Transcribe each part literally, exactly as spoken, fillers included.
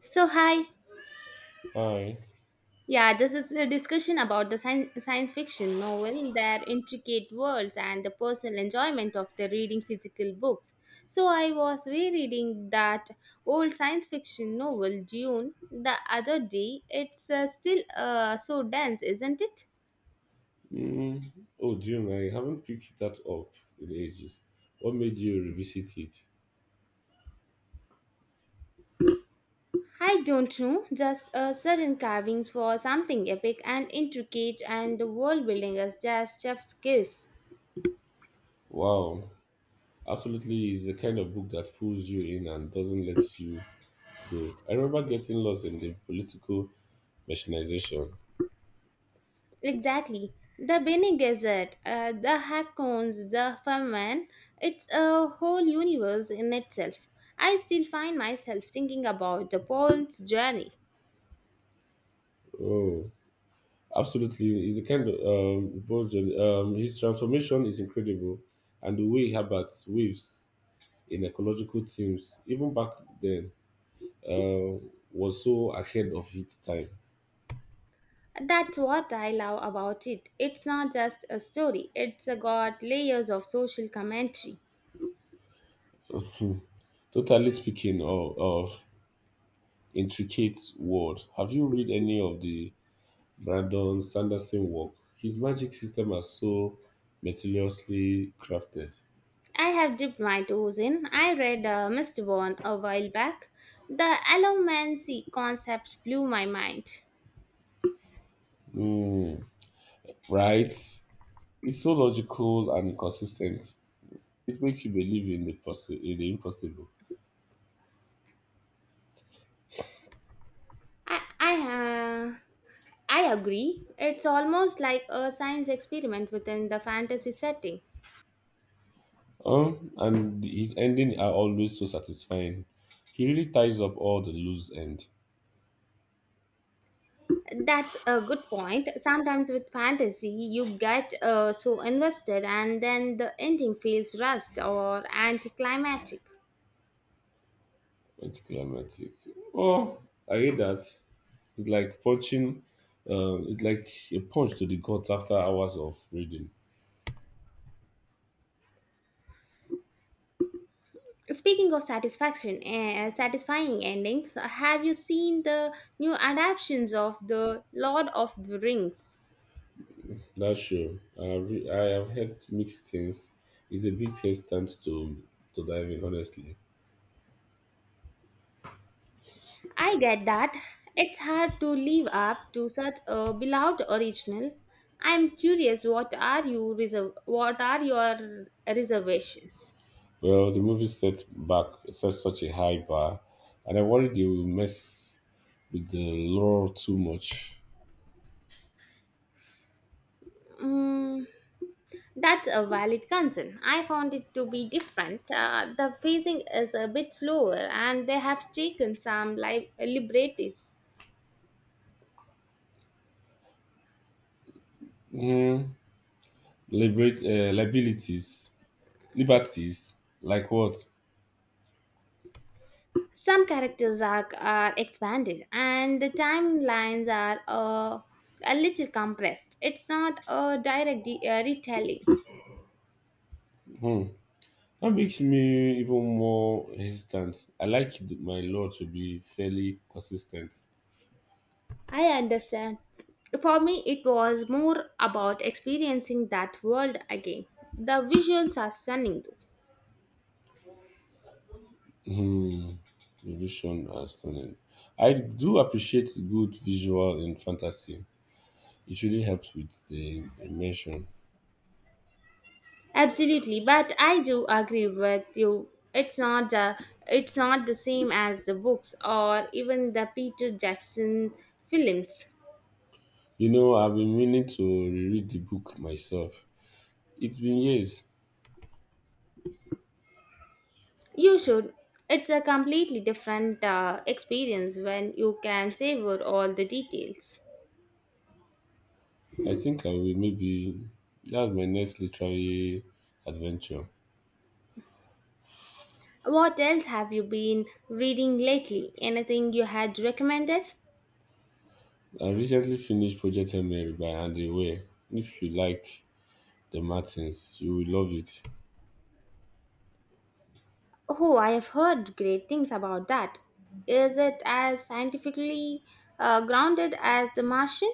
So, hi. Hi. Yeah, this is a discussion about the science, science fiction novel, their intricate worlds, and the personal enjoyment of the reading physical books. So, I was rereading that old science fiction novel, Dune, the other day. It's uh, still uh, so dense, isn't it? Mm. Oh, June, I haven't picked that up in ages. What made you revisit it? I don't know, just uh, certain carvings for something epic and intricate, and the world building is just chef's kiss. Wow. Absolutely is the kind of book that pulls you in and doesn't let you go. I remember getting lost in the political machinization. Exactly. The Benny Gazette, uh, the Hackcones, the Ferman, it's a whole universe in itself. I still find myself thinking about the Paul's journey. Oh, absolutely is the kind of um, bold um his transformation is incredible, and the way Herbert weaves in ecological themes even back then uh, was so ahead of its time. That's what I love about it. It's not just a story, it's got layers of social commentary. Totally speaking of, of intricate world, have you read any of the Brandon Sanderson work? His magic system are so meticulously crafted. I have dipped my toes in. I read uh, mister Bourne a while back. The allomancy concept blew my mind. Mm, right? It's so logical and consistent. It makes you believe in the possi- in the impossible. I, I uh, I agree. It's almost like a science experiment within the fantasy setting. Um, and his ending are always so satisfying. He really ties up all the loose end. That's a good point. Sometimes with fantasy, you get uh, so invested and then the ending feels rushed or anticlimactic. Anticlimactic. Oh, I hate that. It's like punching. Um, it's like a punch to the gut after hours of reading. Speaking of satisfaction, uh, satisfying endings, have you seen the new adaptations of The Lord of the Rings? That's sure. I have, re- I have heard mixed things. It's a bit hesitant to to dive in, honestly. I get that. It's hard to live up to such a beloved original. I'm curious what are you reserve what are your reservations? Well, the movie set back set such a high bar, and I worry they will mess with the lore too much. Mm, that's a valid concern. I found it to be different. Uh, the phasing is a bit slower and they have taken some li- liberties. Mm, liberate uh, liabilities, Liberties, like what? Some characters are, are expanded and the timelines are uh, a little compressed. It's not a direct de- uh, retelling. Hmm. That makes me even more hesitant. I like th- my law to be fairly consistent. I understand. For me, it was more about experiencing that world again. The visuals are stunning, though. Hmm, evolution are stunning. I do appreciate good visual in fantasy. It really helps with the immersion. Absolutely, but I do agree with you. It's not the it's not the same as the books or even the Peter Jackson films. You know, I've been meaning to reread the book myself. It's been years. You should. It's a completely different uh, experience when you can savor all the details. I think I will, maybe that's my next literary adventure. What else have you been reading lately? Anything you had recommended? I recently finished Project Mary by Andy Weir. If you like the Martins, you will love it. Oh, I have heard great things about that. Is it as scientifically uh, grounded as The Martian?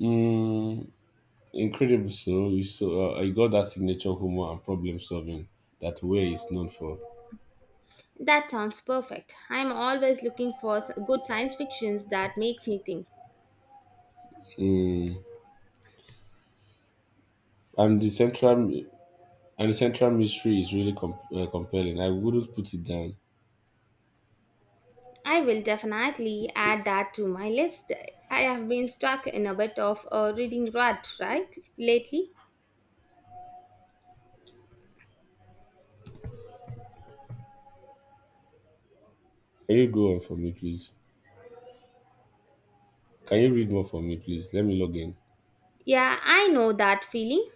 Mm, incredible. So you so uh, you got that signature humor and problem solving that Way is known for. That sounds perfect. I'm always looking for s- good science fictions that makes me think. Mm, and the central and the central mystery is really com- uh, compelling. I wouldn't put it down. I will definitely add that to my list. I have been stuck in a bit of a reading rut, right? Lately. Can you go on for me, please? Can you read more for me, please? Let me log in. Yeah, I know that feeling.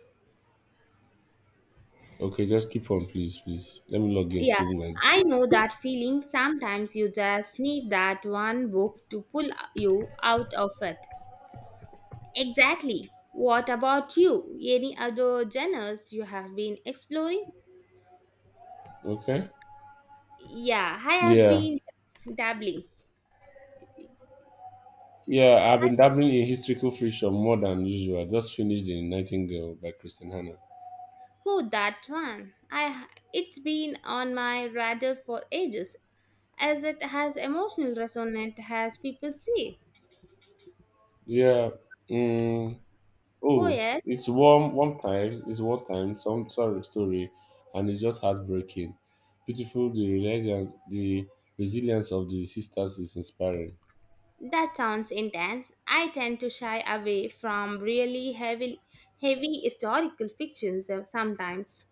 Okay, just keep on, please, please. Let me log in Yeah, through my. I know that feeling. Sometimes you just need that one book to pull you out of it. Exactly. What about you? Any other genres you have been exploring? Okay. Yeah, I have Yeah. been dabbling. Yeah, I've been dabbling in historical fiction more than usual. I just finished The Nightingale by Kristen Hannah. Oh, that one. I It's been on my radar for ages, as it has emotional resonance, as people say. Yeah. Mm, Oh oh, yes, it's one one time. It's one time. Some sorry story, and it's just heartbreaking. Beautiful. The religion, the resilience of the sisters is inspiring. that sounds intense. I tend to shy away from really heavy, heavy historical fictions uh, sometimes.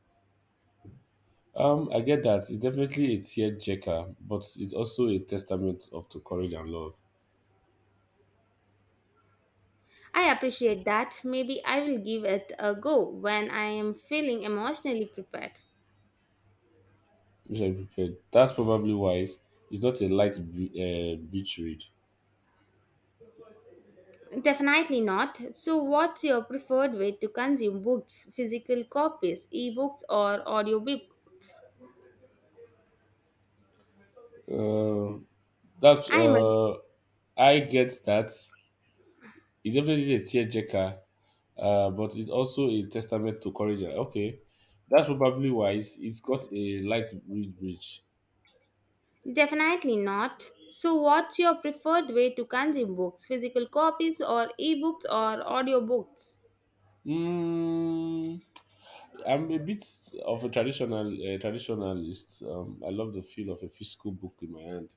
Um, I get that. It's definitely a tear, but it's also a testament of to courage and love. I appreciate that. Maybe I will give it a go when I am feeling emotionally prepared. Which I prepared. That's probably why it's it's not a light be- uh, beach read. Definitely not. So, what's your preferred way to consume books? Physical copies, ebooks, or audiobooks? Um, that I am a uh, I get that. It's definitely a tearjerker, uh, but it's also a testament to courage. and- Okay, that's probably why it's, it's got a light read bridge. Definitely not. So, what's your preferred way to consume books? Physical copies, or ebooks, or audiobooks? Mm, I'm a bit of a traditional uh, traditionalist. Um, I love the feel of a physical book in my hand.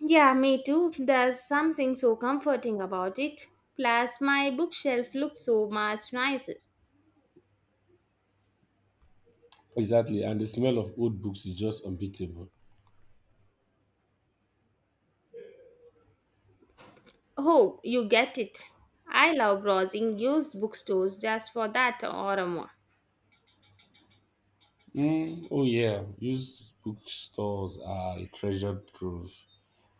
Yeah, me too. There's something so comforting about it. Plus, my bookshelf looks so much nicer. Exactly, and the smell of old books is just unbeatable. Oh, you get it. I love browsing used bookstores just for that or more. Mm, oh yeah, used bookstores are a treasured trove.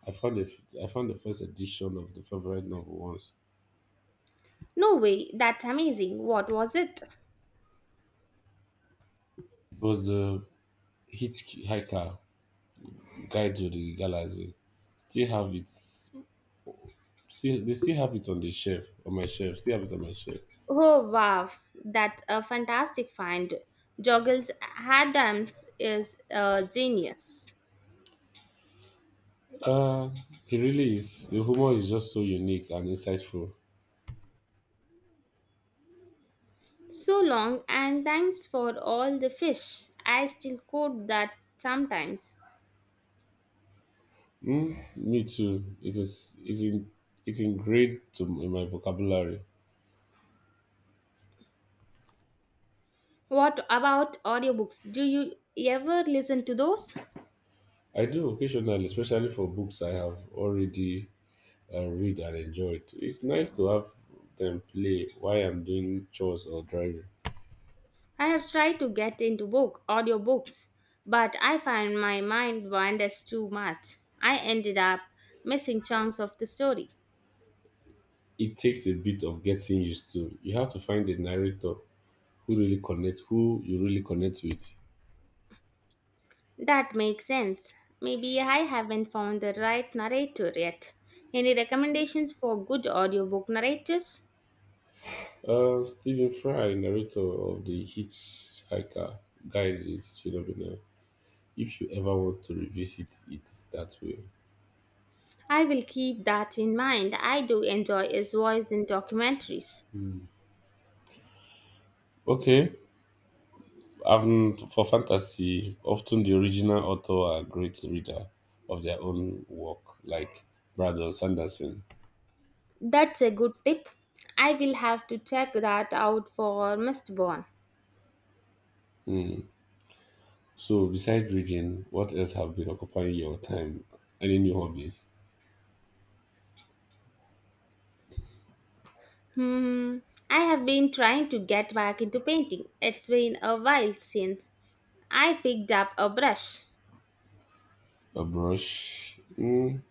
I found a, f- I found the first edition of the favorite novel once. No way, that's amazing. What was it? It was the Hitchhiker Guide to the Galaxy, still have it still they still have it on the shelf on my shelf still have it on my shelf. Oh wow, that's a fantastic find. Joggles Adams is a genius. uh it really is. The humor is just so unique and insightful. So long and thanks for all the fish. I still quote that sometimes. Mm, me too. It is it's in it's ingrained to in my vocabulary. What about audiobooks? Do you ever listen to those? I do occasionally, especially for books I have already uh, read and enjoyed. It's nice to have them play while I'm doing chores or driving. I have tried to get into book audiobooks, but I find my mind wanders too much. I ended up missing chunks of the story. It takes a bit of getting used to. You have to find a narrator who really connect, who you really connect with. That makes sense. Maybe I haven't found the right narrator yet. Any recommendations for good audiobook narrators? Uh, Stephen Fry, narrator of the Hitchhiker Guide, is phenomenal. If you ever want to revisit it that way, I will keep that in mind. I do enjoy his voice in documentaries. okay. Um, for fantasy, often the original author are great reader of their own work, like Brandon Sanderson. That's a good tip. I will have to check that out for mister Bond. Hmm. So, besides reading, what else have been occupying your time? Any new hobbies? Hmm, I have been trying to get back into painting. It's been a while since I picked up a brush. A brush. Mm.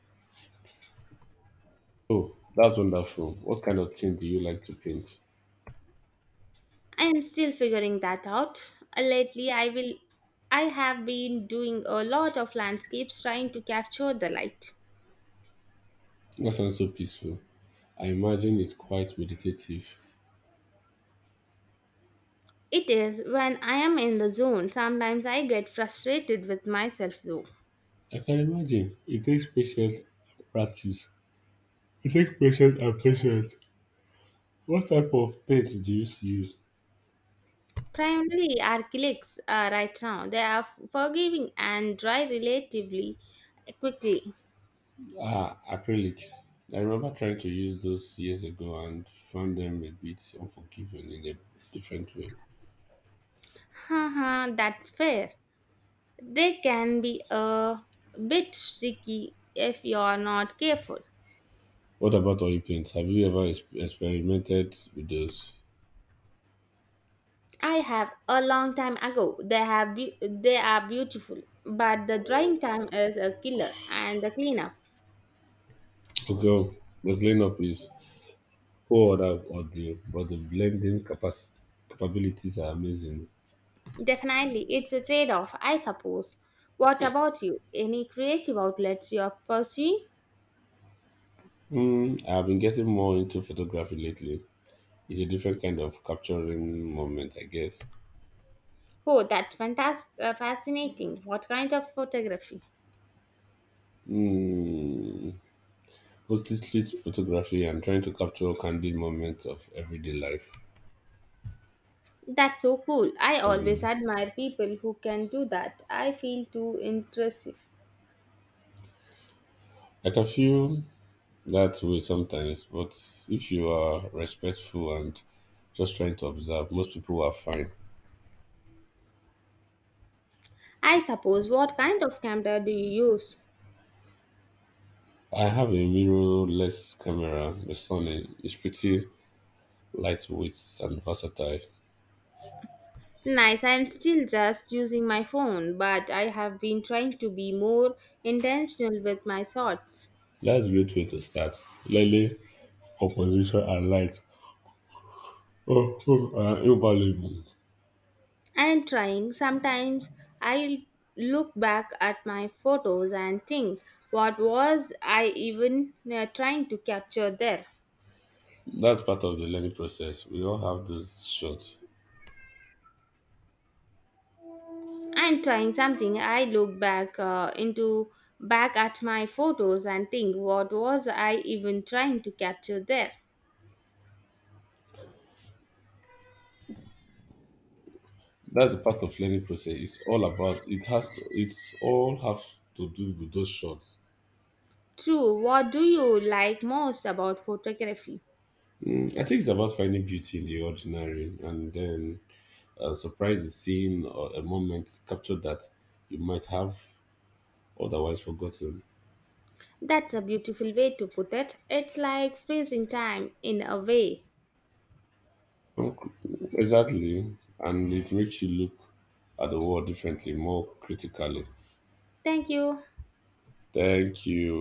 Oh, that's wonderful. What kind of thing do you like to paint? I am still figuring that out. Uh, Lately, I will I have been doing a lot of landscapes trying to capture the light. That sounds so peaceful. I imagine it's quite meditative. It is when I am in the zone. Sometimes I get frustrated with myself though. I can imagine. It takes patience and practice. It takes patience and patience. What type of paint do you use? Primarily acrylics uh, right now. They are forgiving and dry relatively quickly. Ah, acrylics. I remember trying to use those years ago and found them a bit unforgiving in a different way. Haha, that's fair. They can be a bit tricky if you're not careful. What about oil paints? Have you ever ex- experimented with those? I have a long time ago. They have be- they are beautiful, but the drying time is a killer and the cleanup. Okay, well, the cleanup is poor on the, on the but the blending capacity capabilities are amazing. Definitely, it's a trade-off, I suppose. What about you? Any creative outlets you're pursuing? Mm, I've been getting more into photography lately. It's a different kind of capturing moment, I guess. Oh, that's fantastic, fascinating. What kind of photography? Mm, mostly street photography and trying to capture candid moments of everyday life. That's so cool. I So the, always admire people who can do that. I feel too intrusive. I can feel that way sometimes, but if you are respectful and just trying to observe, most people are fine. I suppose. What kind of camera do you use? I have a mirrorless camera. The sun is pretty lightweight and versatile. Nice. I'm still just using my phone, but I have been trying to be more intentional with my shots. That's a great way to start. Learning composition and light oh, oh, are invaluable. I'm trying. Sometimes I look back at my photos and think, what was I even uh, trying to capture there? That's part of the learning process. We all have those shots. I'm trying something. I look back uh, into back at my photos and think, what was I even trying to capture there? That's the part of learning process. It's all about it has to, it's all have to do with those shots. True, what do you like most about photography? Mm, I think it's about finding beauty in the ordinary, and then uh, surprise the scene or a moment captured that you might have otherwise forgotten. That's a beautiful way to put it. It's like freezing time in a way. Okay, exactly. And it makes you look at the world differently, more critically. Thank you. Thank you.